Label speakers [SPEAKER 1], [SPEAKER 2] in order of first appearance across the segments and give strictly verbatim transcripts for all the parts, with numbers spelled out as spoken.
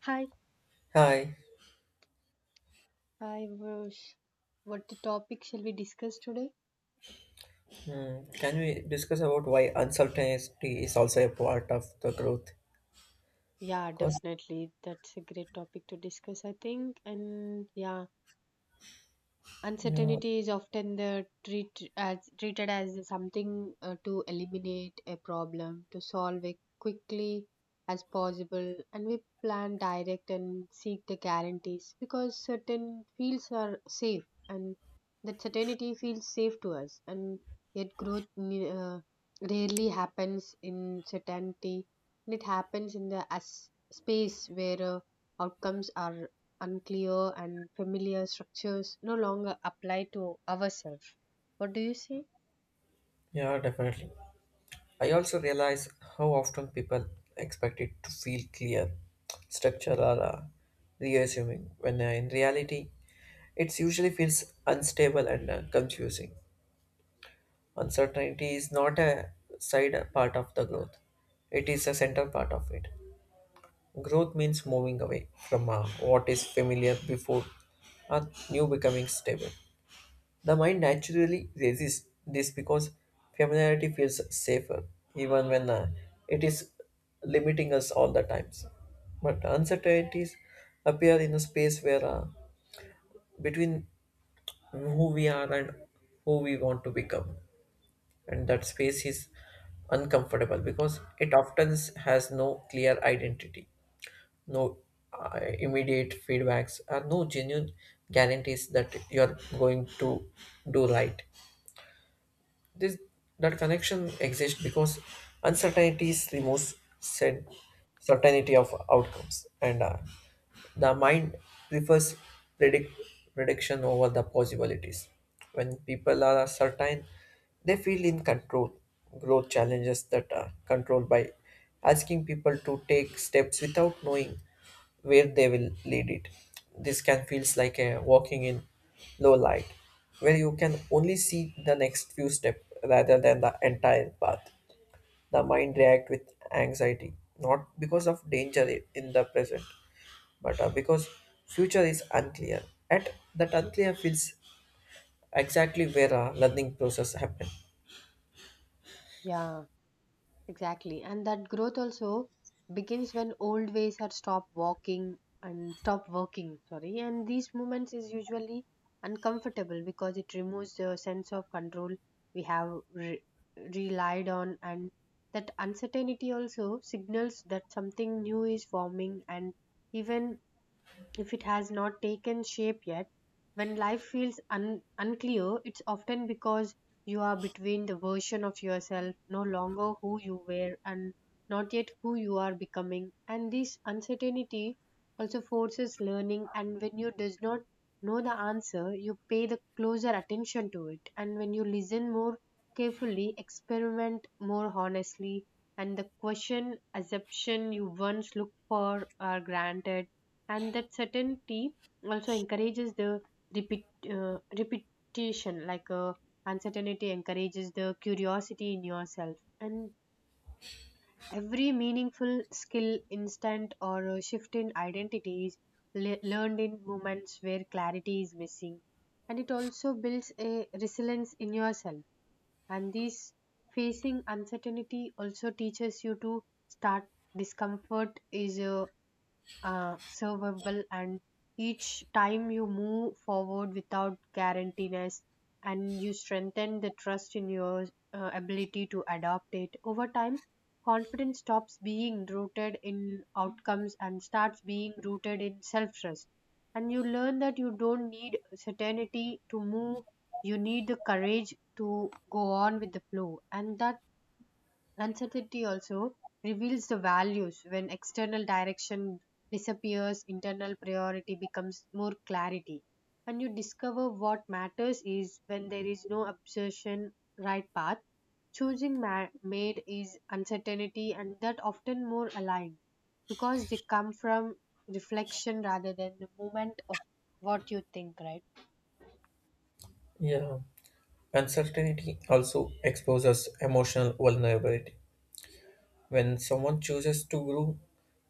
[SPEAKER 1] Hi,
[SPEAKER 2] Hi.
[SPEAKER 1] I Virush. What the topic shall we discuss today?
[SPEAKER 2] Hmm. Can we discuss about why uncertainty is also a part of the growth?
[SPEAKER 1] Yeah,
[SPEAKER 2] Because
[SPEAKER 1] definitely. That's a great topic to discuss, I think. And yeah,
[SPEAKER 2] yeah,
[SPEAKER 1] uncertainty is often the treat as, treated as something uh, to eliminate a problem, to solve it quickly as possible, and we plan, direct, and seek the guarantees because certain fields are safe, and that certainty feels safe to us. And yet, growth ne- uh, rarely happens in certainty, and it happens in the as- space where uh, outcomes are unclear and familiar structures no longer apply to ourselves. What do you say?
[SPEAKER 2] yeah, definitely. I also realize how often people expect it to feel clear, structured, or uh, reassuming, when uh, in reality, it usually feels unstable and uh, confusing. Uncertainty is not a side part of the growth; it is a central part of it. Growth means moving away from uh, what is familiar before a new becoming stable. The mind naturally resists this because familiarity feels safer, even when uh, it is limiting us all the times. But uncertainties appear in a space where uh, between who we are and who we want to become, and that space is uncomfortable because it often has no clear identity no uh, immediate feedbacks, and no genuine guarantees that you're going to do right. This that connection exists because uncertainties removes said certainty of outcomes, and uh, the mind prefers predict, prediction over the possibilities. When people are certain, they feel in control. Growth challenges that are controlled by asking people to take steps without knowing where they will lead it. This can feels like a walking in low light, where you can only see the next few steps rather than the entire path. The mind reacts with anxiety, not because of danger in the present, but uh, because future is unclear and that unclear feels exactly where our learning process happen.
[SPEAKER 1] Yeah, exactly. And that growth also begins when old ways are stopped walking and stop working, sorry. And these moments is usually uncomfortable because it removes the sense of control we have re- relied on, and that uncertainty also signals that something new is forming and even if it has not taken shape yet. When life feels un- unclear, it's often because you are between the version of yourself, no longer who you were, and not yet who you are becoming. And this uncertainty also forces learning. And when you does not know the answer, you pay the closer attention to it. And when you listen more carefully, experiment more honestly, and the question assumption you once looked for are granted and that certainty also encourages the repeat uh, repetition like uh, uncertainty encourages the curiosity in yourself, and every meaningful skill instant or uh, shift in identity is le- learned in moments where clarity is missing, and it also builds a resilience in yourself, and this facing uncertainty also teaches you to start discomfort is uh, uh, survivable, and each time you move forward without guarantees and you strengthen the trust in your uh, ability to adopt it over time, confidence stops being rooted in outcomes and starts being rooted in self trust, and you learn that you don't need certainty to move, you need the courage to go on with the flow, and that uncertainty also reveals the values. When external direction disappears, internal priority becomes more clarity. And you discover what matters is when there is no obsession, right path. Choosing ma- made is uncertainty, and that often more aligned because they come from reflection rather than the moment of what you think, right?
[SPEAKER 2] Yeah, uncertainty also exposes emotional vulnerability when someone chooses to grow.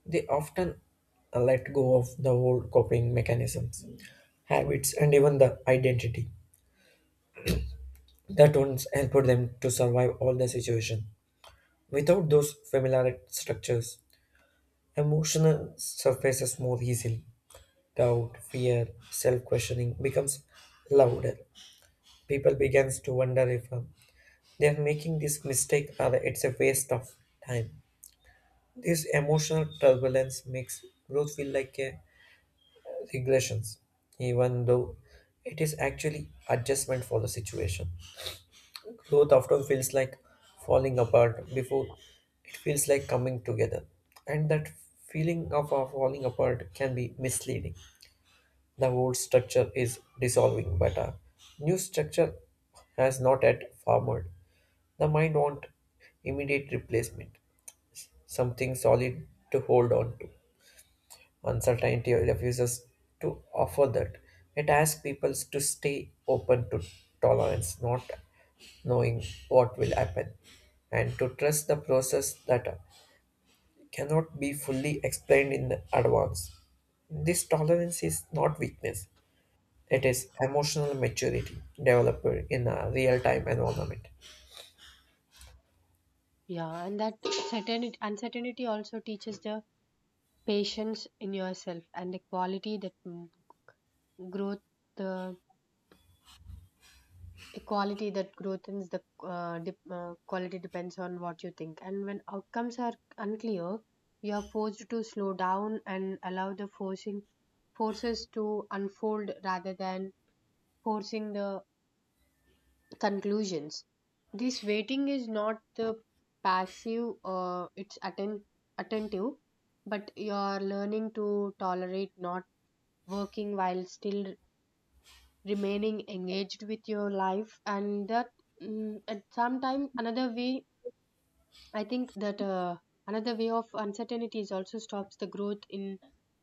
[SPEAKER 2] They often uh, let go of the old coping mechanisms, habits, and even the identity that once helped them to survive all the situation. Without those familiar structures, emotional surfaces more easily. Doubt, fear, self-questioning becomes louder. People begins to wonder if um, they are making this mistake or it's a waste of time. This emotional turbulence makes growth feel like a regressions, even though it is actually adjustment for the situation. Growth often feels like falling apart before it feels like coming together, and that feeling of, of falling apart can be misleading. The old structure is dissolving, but a new structure has not yet formed. The mind wants immediate replacement, something solid to hold on to. Uncertainty refuses to offer that. It asks people to stay open to tolerance, not knowing what will happen, and to trust the process that cannot be fully explained in advance. This tolerance is not weakness, it is emotional maturity developed in a real time environment.
[SPEAKER 1] Yeah, and that certainty, uncertainty also teaches the patience in yourself and a quality that mm, growth the a quality that growth is the uh, dep uh, quality depends on what you think, and when outcomes are unclear you are forced to slow down and allow the forcing forces to unfold rather than forcing the conclusions. This waiting is not the passive, uh, it's atten- attentive, but you are learning to tolerate not working while still remaining engaged with your life, and that mm, at some time another way, I think that uh, another way of uncertainty is also stops the growth in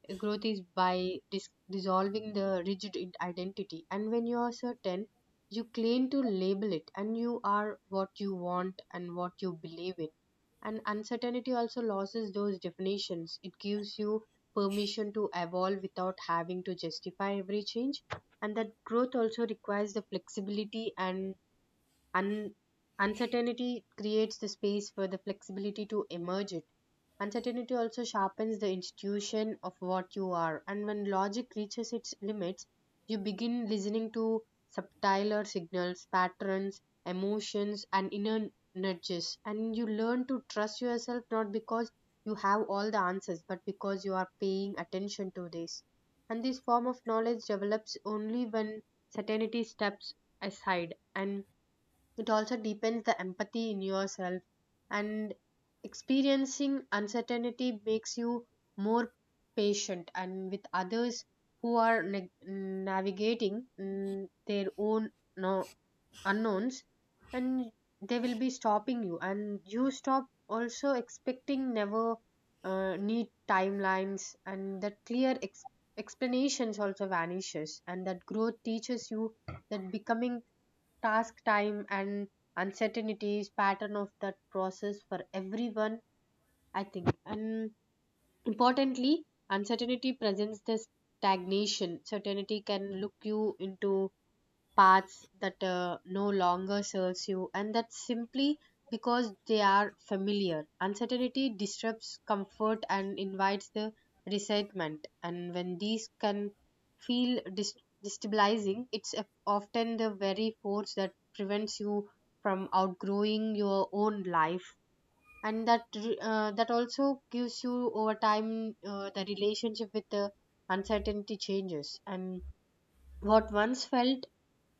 [SPEAKER 1] uh, growth is by dis- dissolving the rigid in- identity. And when you are certain, you claim to label it, and you are what you want and what you believe in. And uncertainty also loses those definitions. It gives you permission to evolve without having to justify every change. And that growth also requires the flexibility and Un- uncertainty creates the space for the flexibility to emerge it. Uncertainty also sharpens the institution of what you are, and when logic reaches its limits, you begin listening to subtler signals, patterns, emotions, and inner nudges, and you learn to trust yourself not because you have all the answers, but because you are paying attention to this. And this form of knowledge develops only when certainty steps aside, and it also deepens the empathy in yourself, and experiencing uncertainty makes you more patient and with others who are na- navigating mm, their own, no, unknowns, and they will be stopping you and you stop also expecting never uh, need timelines, and that clear ex- explanations also vanishes, and that growth teaches you that becoming task time and uncertainties pattern of that process for everyone, I think. And importantly, uncertainty presents this stagnation certainty can look you into paths that uh, no longer serves you, and that's simply because they are familiar. Uncertainty disrupts comfort and invites the resentment, and when these can feel dis- destabilizing, it's a- often the very force that prevents you from outgrowing your own life, and that re- uh, that also gives you over time uh, the relationship with the uncertainty changes, and what once felt,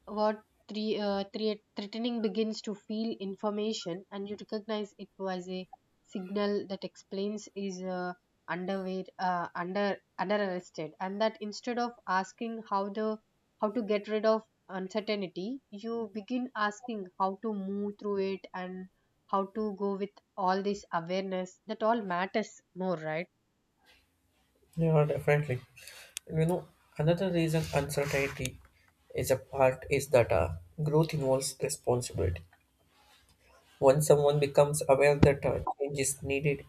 [SPEAKER 1] what, three, uh, thre- threatening begins to feel information, and you recognize it was a signal that explains is uh, underway, uh, under under arrested, and that instead of asking how the how to get rid of uncertainty, you begin asking how to move through it and how to go with all this awareness that all matters more, right?
[SPEAKER 2] Yeah, definitely. You know, another reason uncertainty is a part is that uh, growth involves responsibility. Once someone becomes aware that uh, change is needed,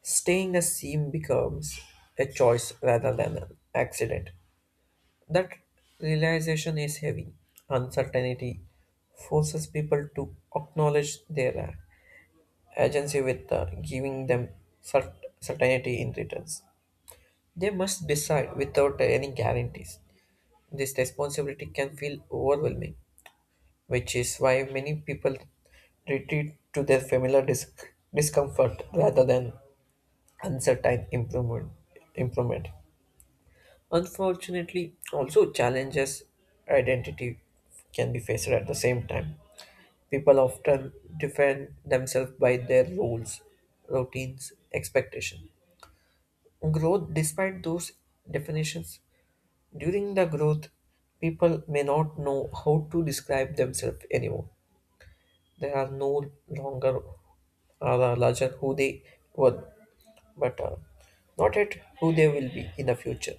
[SPEAKER 2] staying the same becomes a choice rather than an accident. That realization is heavy. Uncertainty forces people to acknowledge their uh, agency with uh, giving them cert- certainty in returns. They must decide without any guarantees. This responsibility can feel overwhelming, which is why many people retreat to their familiar dis- discomfort rather than uncertain improvement. Improvement. Unfortunately, also challenges identity can be faced at the same time. People often defend themselves by their roles, routines, expectations. Growth, despite those definitions, during the growth, people may not know how to describe themselves anymore. They are no longer uh, larger who they were, but uh, not yet who they will be in the future.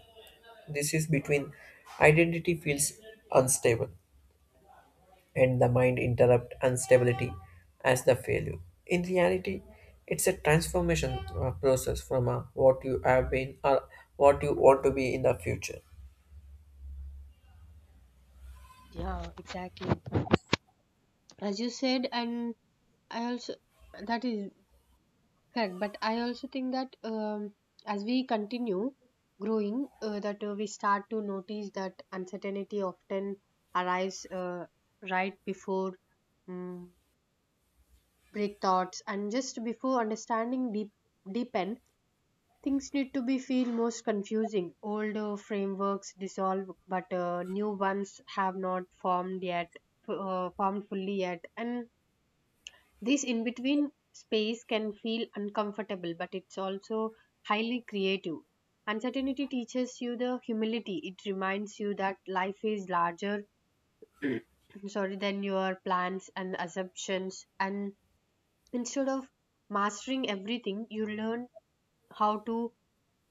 [SPEAKER 2] This is between identity feels unstable and the mind interrupt instability as the failure. In reality, it's a transformation uh, process from uh, what you have been or what you want to be in the future.
[SPEAKER 1] Yeah, exactly. As you said, and I also, that is correct, but I also think that um, as we continue growing, uh, that uh, we start to notice that uncertainty often arrives uh, right before um, break thoughts and just before understanding deep deepen. Things need to be feel most confusing. Older frameworks dissolve, but uh, new ones have not formed yet, f- uh, formed fully yet, and this in between space can feel uncomfortable, but it's also highly creative. Uncertainty teaches you the humility. It reminds you that life is larger, sorry, than your plans and assumptions. And instead of mastering everything, you learn how to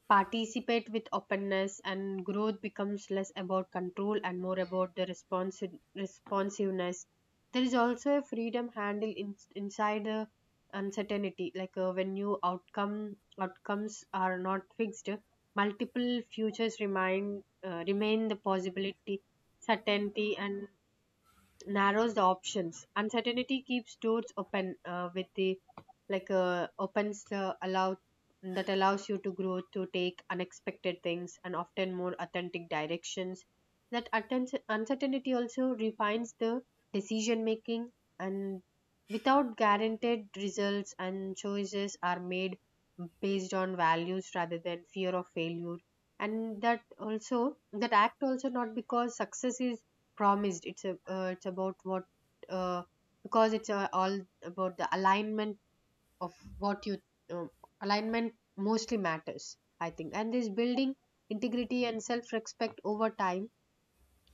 [SPEAKER 1] participate with openness, and growth becomes less about control and more about the responsi- responsiveness. There is also a freedom handle in- inside the uncertainty, like uh, when new outcome outcomes are not fixed, multiple futures remain, uh, remain the possibility. Certainty and narrows the options. Uncertainty keeps doors open, uh, with the, like uh, opens the allow that allows you to grow to take unexpected things and often more authentic directions. That atten- uncertainty also refines the decision making, and without guaranteed results and choices are made based on values rather than fear of failure, and that also that act also not because success is promised, it's a, uh, it's about what uh, because it's uh, all about the alignment of what you, um, alignment mostly matters, I think, and this building integrity and self respect over time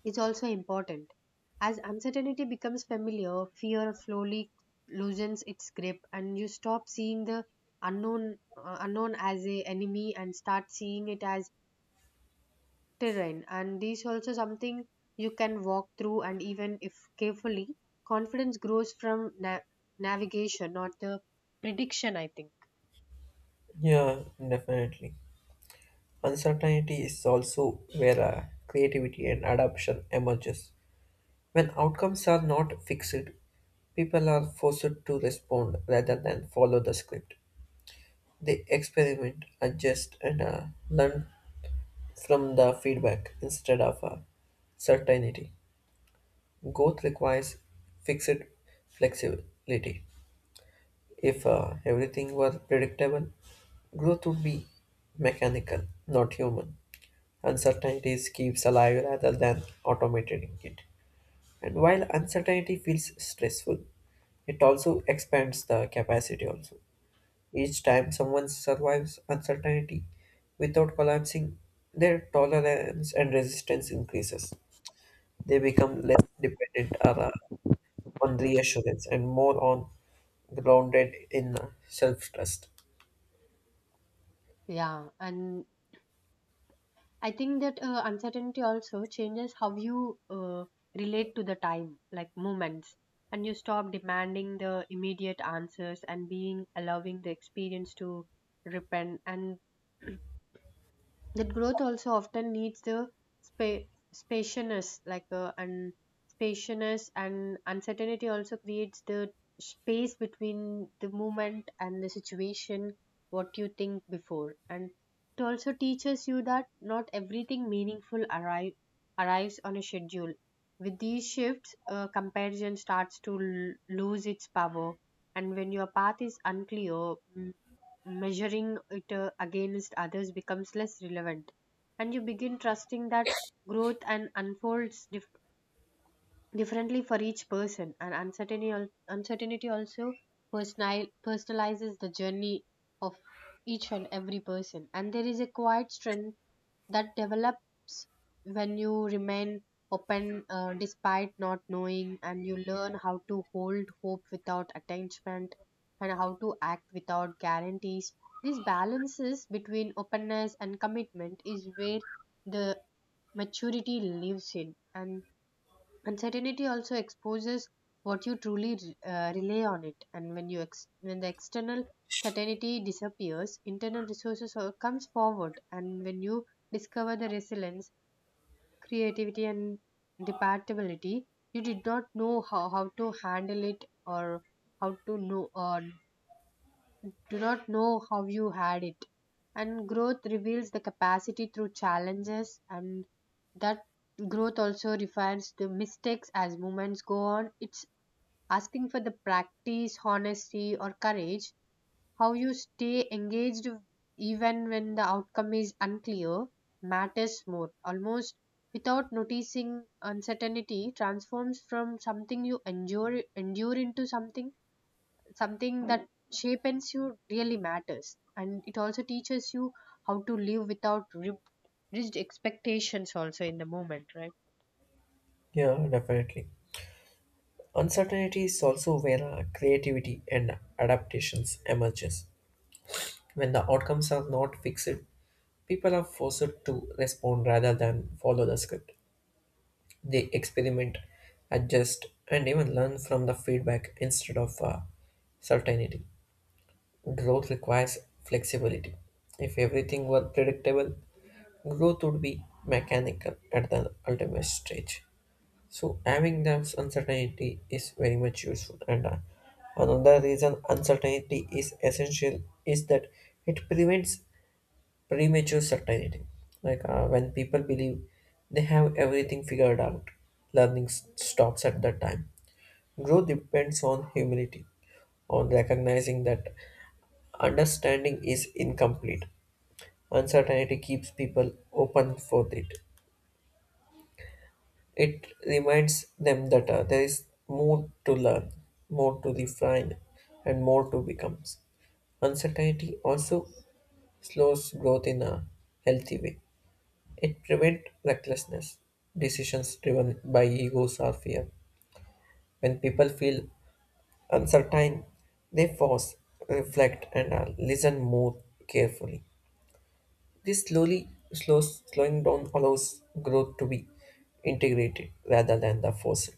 [SPEAKER 1] is also important. As uncertainty becomes familiar, fear slowly loosens its grip, and you stop seeing the unknown uh, unknown as a enemy and start seeing it as terrain, and these also something you can walk through, and even if carefully, confidence grows from na- navigation, not the prediction, I think.
[SPEAKER 2] Yeah, definitely. Uncertainty is also where uh, creativity and adaptation emerges. When outcomes are not fixed, people are forced to respond rather than follow the script. They experiment, adjust, and uh, learn from the feedback instead of uh, certainty. Growth requires fixed flexibility. If uh, everything were predictable, growth would be mechanical, not human. Uncertainties keeps alive rather than automating it. And while uncertainty feels stressful, it also expands the capacity also. Each time someone survives uncertainty without collapsing, their tolerance and resistance increases. They become less dependent on uh, on reassurance and more on grounded in self trust.
[SPEAKER 1] Yeah, and I think that uh, uncertainty also changes how you uh, relate to the time like moments, and you stop demanding the immediate answers and being allowing the experience to repent, and that growth also often needs the spa- spaciousness, like uh, and spaciousness and uncertainty also creates the space between the moment and the situation what you think before, and it also teaches you that not everything meaningful arrive, arrives on a schedule. With these shifts, uh, comparison starts to l- lose its power, and when your path is unclear, mm, measuring it uh, against others becomes less relevant, and you begin trusting that growth and unfolds dif- differently for each person, and uncertainty, al- uncertainty also personal, personalizes the journey of each and every person. And there is a quiet strength that develops when you remain open, uh, despite not knowing, and you learn how to hold hope without attachment and how to act without guarantees. These balances between openness and commitment is where the maturity lives in, and uncertainty also exposes what you truly uh, rely on it, and when you ex- when the external certainty disappears, internal resources uh, comes forward, and when you discover the resilience, creativity, and adaptability, you did not know how, how to handle it, or how to know, or do not know how you had it. And growth reveals the capacity through challenges, and that growth also refers to mistakes as moments go on. It's asking for the practice, honesty, or courage. How you stay engaged even when the outcome is unclear matters more. Almost without noticing, uncertainty transforms from something you endure endure into something something that shapes you really matters, and it also teaches you how to live without ri- rigid expectations also in the moment, right?
[SPEAKER 2] Yeah, definitely. Uncertainty is also where uh, creativity and adaptations emerges. When the outcomes are not fixed, people are forced to respond rather than follow the script. They experiment, adjust, and even learn from the feedback instead of uh, certainty. Growth requires flexibility. If everything were predictable, growth would be mechanical at the ultimate stage. So, having this uncertainty is very much useful. And uh, another reason uncertainty is essential is that it prevents premature certainty. Like uh, when people believe they have everything figured out, learning s- stops at that time. Growth depends on humility, on recognizing that understanding is incomplete. Uncertainty keeps people open for it. It reminds them that uh, there is more to learn, more to refine, and more to become. Uncertainty also slows growth in a healthy way. It prevents recklessness, decisions driven by egos or fear. When people feel uncertain, they pause, reflect, and uh, listen more carefully. This slowly slows slowing down allows growth to be integrated rather than the forced.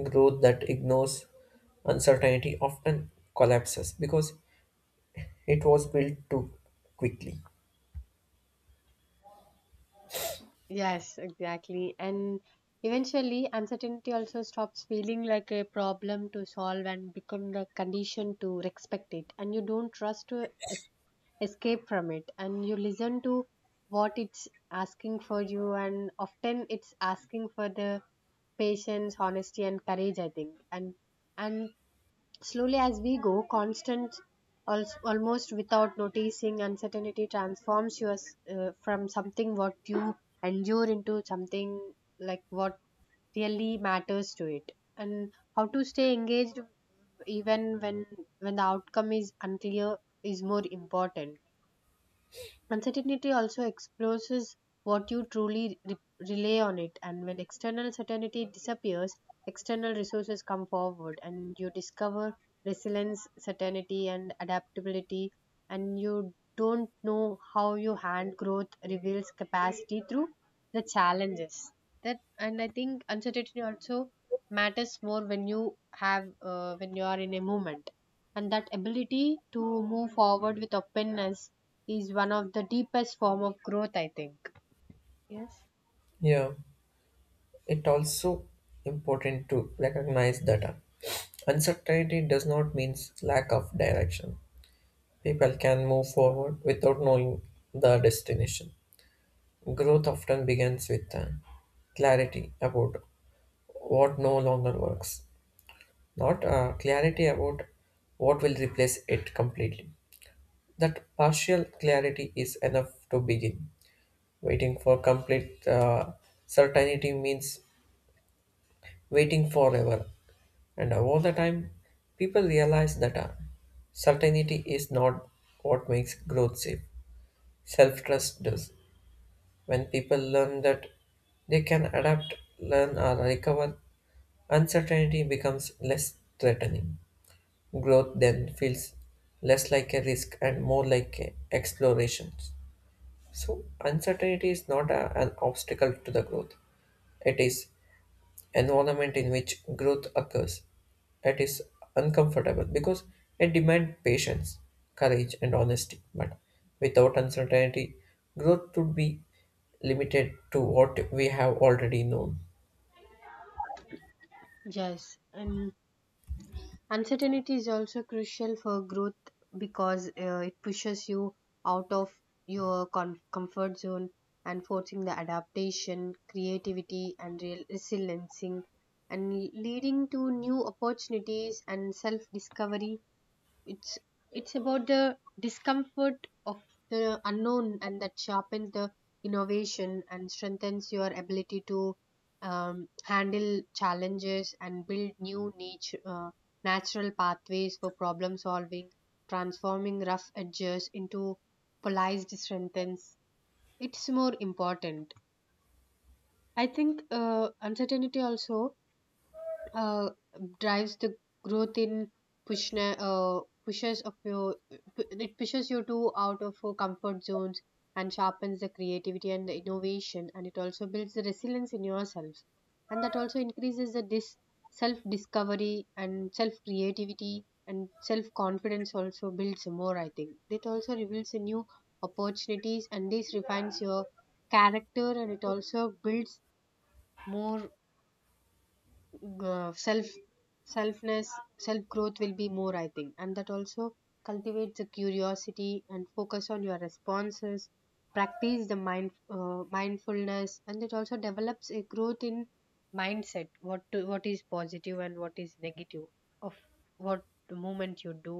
[SPEAKER 2] Growth that ignores uncertainty often collapses because it was built too quickly.
[SPEAKER 1] Yes, exactly. And eventually, uncertainty also stops feeling like a problem to solve and become the condition to respect it. And you don't trust to es- escape from it. And you listen to what it's asking for you. And often it's asking for the patience, honesty, and courage, I think. And and slowly as we go, constant, al- almost without noticing, uncertainty transforms you as, uh, from something what you endure into something like what really matters to it, and how to stay engaged even when when the outcome is unclear is more important. Uncertainty also exposes what you truly re- rely on it, and when external certainty disappears, external resources come forward, and you discover resilience, certainty, and adaptability, and you don't know how your hand growth reveals capacity through the challenges. That and I think uncertainty also matters more when you have uh, when you are in a movement and that ability to move forward with openness is one of the deepest form of growth, I think. Yes.
[SPEAKER 2] Yeah. It also important to recognize that uh, uncertainty does not mean lack of direction. People can move forward without knowing the destination. Growth often begins with uh, clarity about what no longer works, not uh, clarity about what will replace it completely. That partial clarity is enough to begin. Waiting for complete uh, certainty means waiting forever. And all the time, people realize that uh, certainty is not what makes growth safe. Self trust does. When people learn that they can adapt, learn, or recover, uncertainty becomes less threatening. Growth then feels less like a risk and more like a exploration. So, uncertainty is not a- an obstacle to the growth, it is environment in which growth occurs. It is uncomfortable because it demands patience, courage, and honesty. But without uncertainty, growth would be limited to what we have already known.
[SPEAKER 1] Yes, and uncertainty is also crucial for growth because uh, it pushes you out of your com- comfort zone and forcing the adaptation, creativity, and real resiliency, and leading to new opportunities and self discovery. It's it's about the discomfort of the unknown, and that sharpens the innovation and strengthens your ability to um, handle challenges and build new niche, uh, natural pathways for problem solving, transforming rough edges into polished strengthens. It's more important, I think. Uh, uncertainty also uh, drives the growth in pushna, uh, pushes of your, it pushes you to out of your comfort zones, and sharpens the creativity and the innovation, and it also builds the resilience in yourself. And that also increases the dis- self discovery and self creativity, and self confidence also builds more, I think. It also reveals a new opportunities, and this refines your character, and it also builds more uh, self selfness self growth will be more, I think. And that also cultivates the curiosity and focus on your responses, practice the mind uh, mindfulness, and it also develops a growth in mindset, what to, what is positive and what is negative of what the moment you do,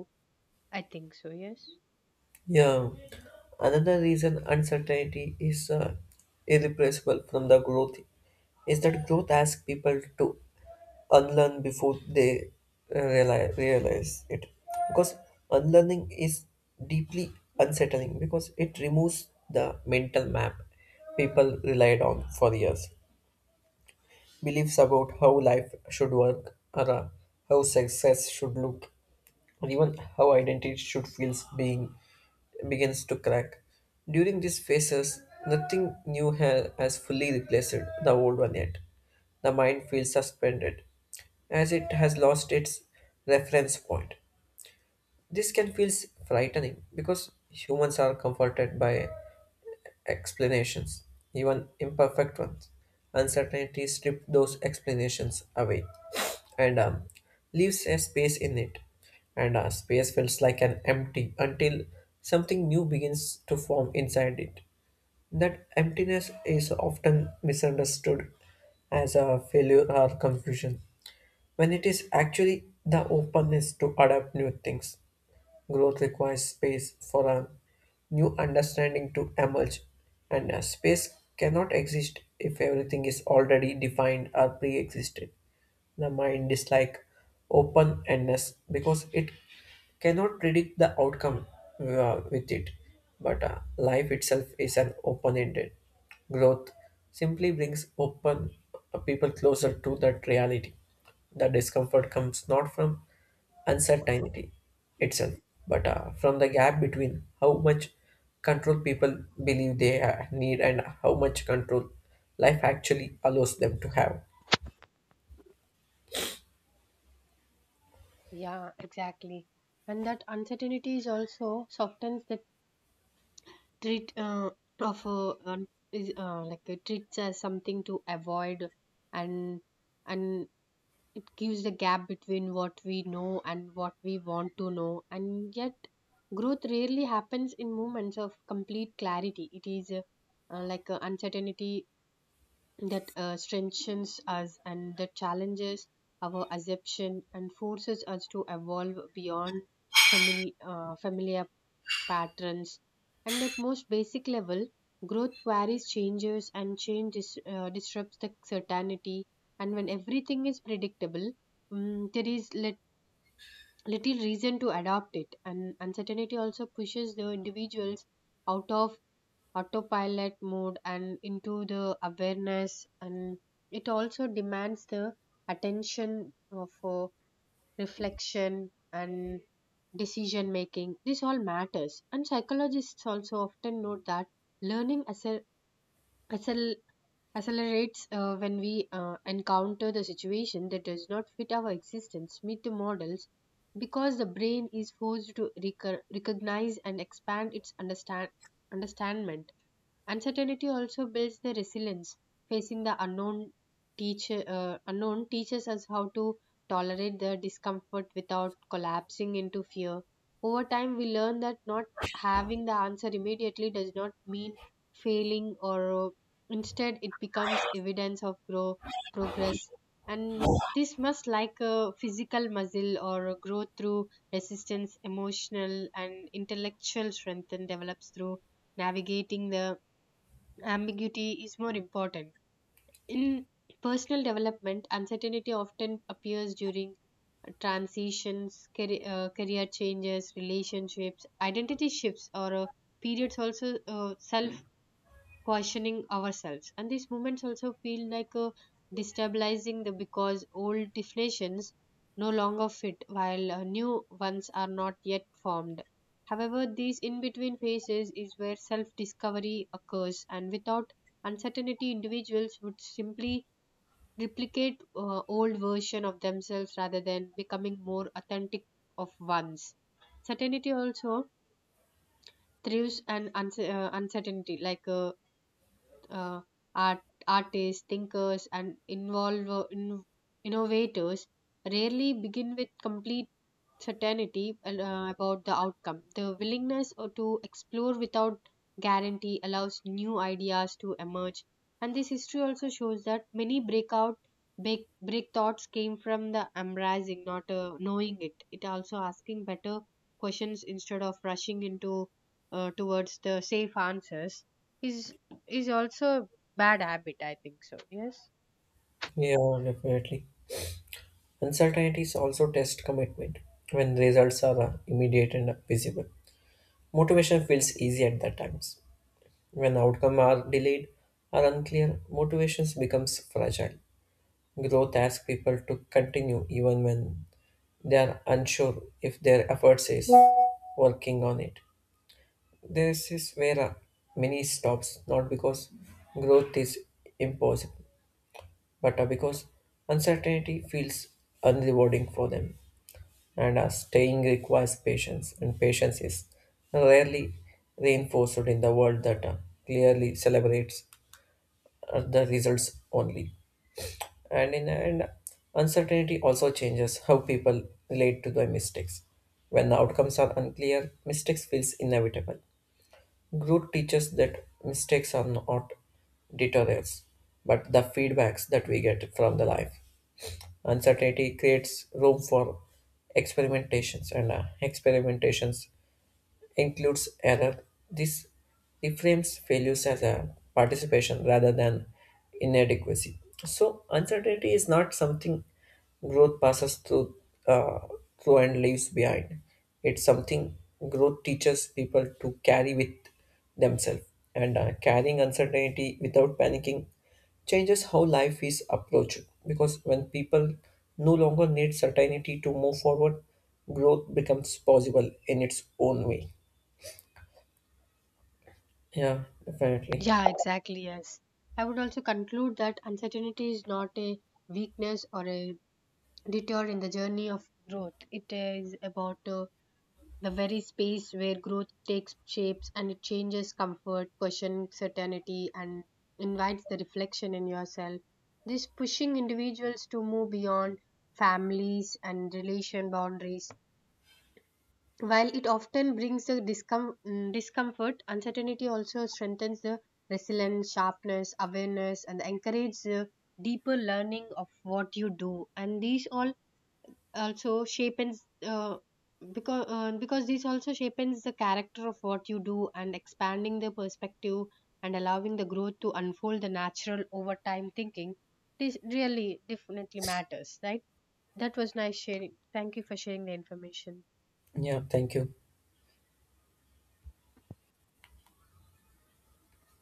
[SPEAKER 1] I think so. Yes.
[SPEAKER 2] Yeah, another reason uncertainty is uh, irreplaceable from the growth is that growth asks people to unlearn before they realize, realize it. Because unlearning is deeply unsettling because it removes the mental map people relied on for years. Beliefs about how life should work or uh, how success should look and even how identity should feels being begins to crack. During these phases, nothing new ha- has fully replaced the old one yet. The mind feels suspended, as it has lost its reference point. This can feel frightening because humans are comforted by explanations, even imperfect ones. Uncertainty strips those explanations away and um, leaves a space in it. And uh, space feels like an empty until something new begins to form inside it. That emptiness is often misunderstood as a failure or confusion, when it is actually the openness to adapt new things. Growth requires space for a new understanding to emerge, and a space cannot exist if everything is already defined or pre existed. The mind is like open endness because it cannot predict the outcome uh, with it, but uh, life itself is an open ended. Growth simply brings open uh, people closer to that reality. The discomfort comes not from uncertainty itself, but uh, from the gap between how much control people believe they uh, need and how much control life actually allows them to have.
[SPEAKER 1] Yeah, exactly. And that uncertainty is also softens the treat uh, of uh, um, is uh, like it treats as something to avoid. And and it gives the gap between what we know and what we want to know. And yet growth rarely happens in moments of complete clarity. It is uh, uh, like, uh, uncertainty that uh, strengthens us and that challenges our assumption and forces us to evolve beyond family, uh, familiar patterns. And at most basic level, growth queries changes, and change dis- uh, disrupts the certainty. And when everything is predictable, mm there is lit- little reason to adopt it. And uncertainty also pushes the individuals out of autopilot mode and into the awareness. And it also demands the attention of uh, reflection and decision making. This all matters, and psychologists also often note that learning accel- accel- accelerates uh, when we uh, encounter the situation that does not fit our existence meet the models, because the brain is forced to recur- recognize and expand its understand understandment. Uncertainty also builds the resilience. Facing the unknown teacher uh, unknown teaches us how to tolerate the discomfort without collapsing into fear. Over time, we learn that not having the answer immediately does not mean failing, or, uh, instead it becomes evidence of grow progress. And this must like a physical muscle or growth through resistance, emotional and intellectual strength, and develops through navigating the ambiguity is more important. In personal development, uncertainty often appears during transitions, career, uh, career changes, relationships, identity shifts, or uh, periods also uh, self questioning ourselves. And these moments also feel like uh, destabilizing the, because old definitions no longer fit while uh, new ones are not yet formed. However, these in between phases is where self discovery occurs, and without uncertainty, individuals would simply replicate uh, old version of themselves rather than becoming more authentic of ones. Certainty also thrives and unce- uh, uncertainty, like, uh, uh, art, artists, thinkers, and involve, in, innovators rarely begin with complete certainty uh, about the outcome. The willingness or to explore without guarantee allows new ideas to emerge. And this history also shows that many breakout break, break thoughts came from the embracing, not uh, knowing it. It also asking better questions instead of rushing into uh, towards the safe answers. His is also a bad habit, I think so. Yes.
[SPEAKER 2] Yeah, definitely. Uncertainties also test commitment when results are uh, immediate and visible. Motivation feels easy at that times. When outcomes are delayed or unclear, motivations becomes fragile. Growth asks people to continue even when they are unsure if their efforts is working on it. This is where uh, many stops, not because growth is impossible, but uh, because uncertainty feels unrewarding for them. And uh, staying requires patience, and patience is rarely reinforced in the world that uh, clearly celebrates uh, the results only. And in the end, uncertainty also changes how people relate to their mistakes. When the outcomes are unclear, mistakes feels inevitable. Growth teaches that mistakes are not deterrents, but the feedbacks that we get from the life. Uncertainty creates room for experimentations, and uh, experimentations includes error, this reframes failures as a participation rather than inadequacy. So uncertainty is not something growth passes through uh, through and leaves behind. It's something growth teaches people to carry with themselves. And uh, carrying uncertainty without panicking changes how life is approached. Because when people no longer need certainty to move forward, growth becomes possible in its own way. Yeah, definitely.
[SPEAKER 1] Yeah, exactly. Yes. I would also conclude that uncertainty is not a weakness or a detour in the journey of growth. It is about uh, the very space where growth takes shapes, and it changes comfort, questions certainty, and invites the reflection in yourself. This pushing individuals to move beyond families and relation boundaries. While it often brings the discom- mm, discomfort, uncertainty also strengthens the resilience, sharpness, awareness, and encourages the deeper learning of what you do. And these all also shapens, uh, because uh, because these also shapens the character of what you do and expanding the perspective and allowing the growth to unfold the natural over time thinking. This really definitely matters, right? That was nice sharing. Thank you for sharing the information.
[SPEAKER 2] Yeah, thank you.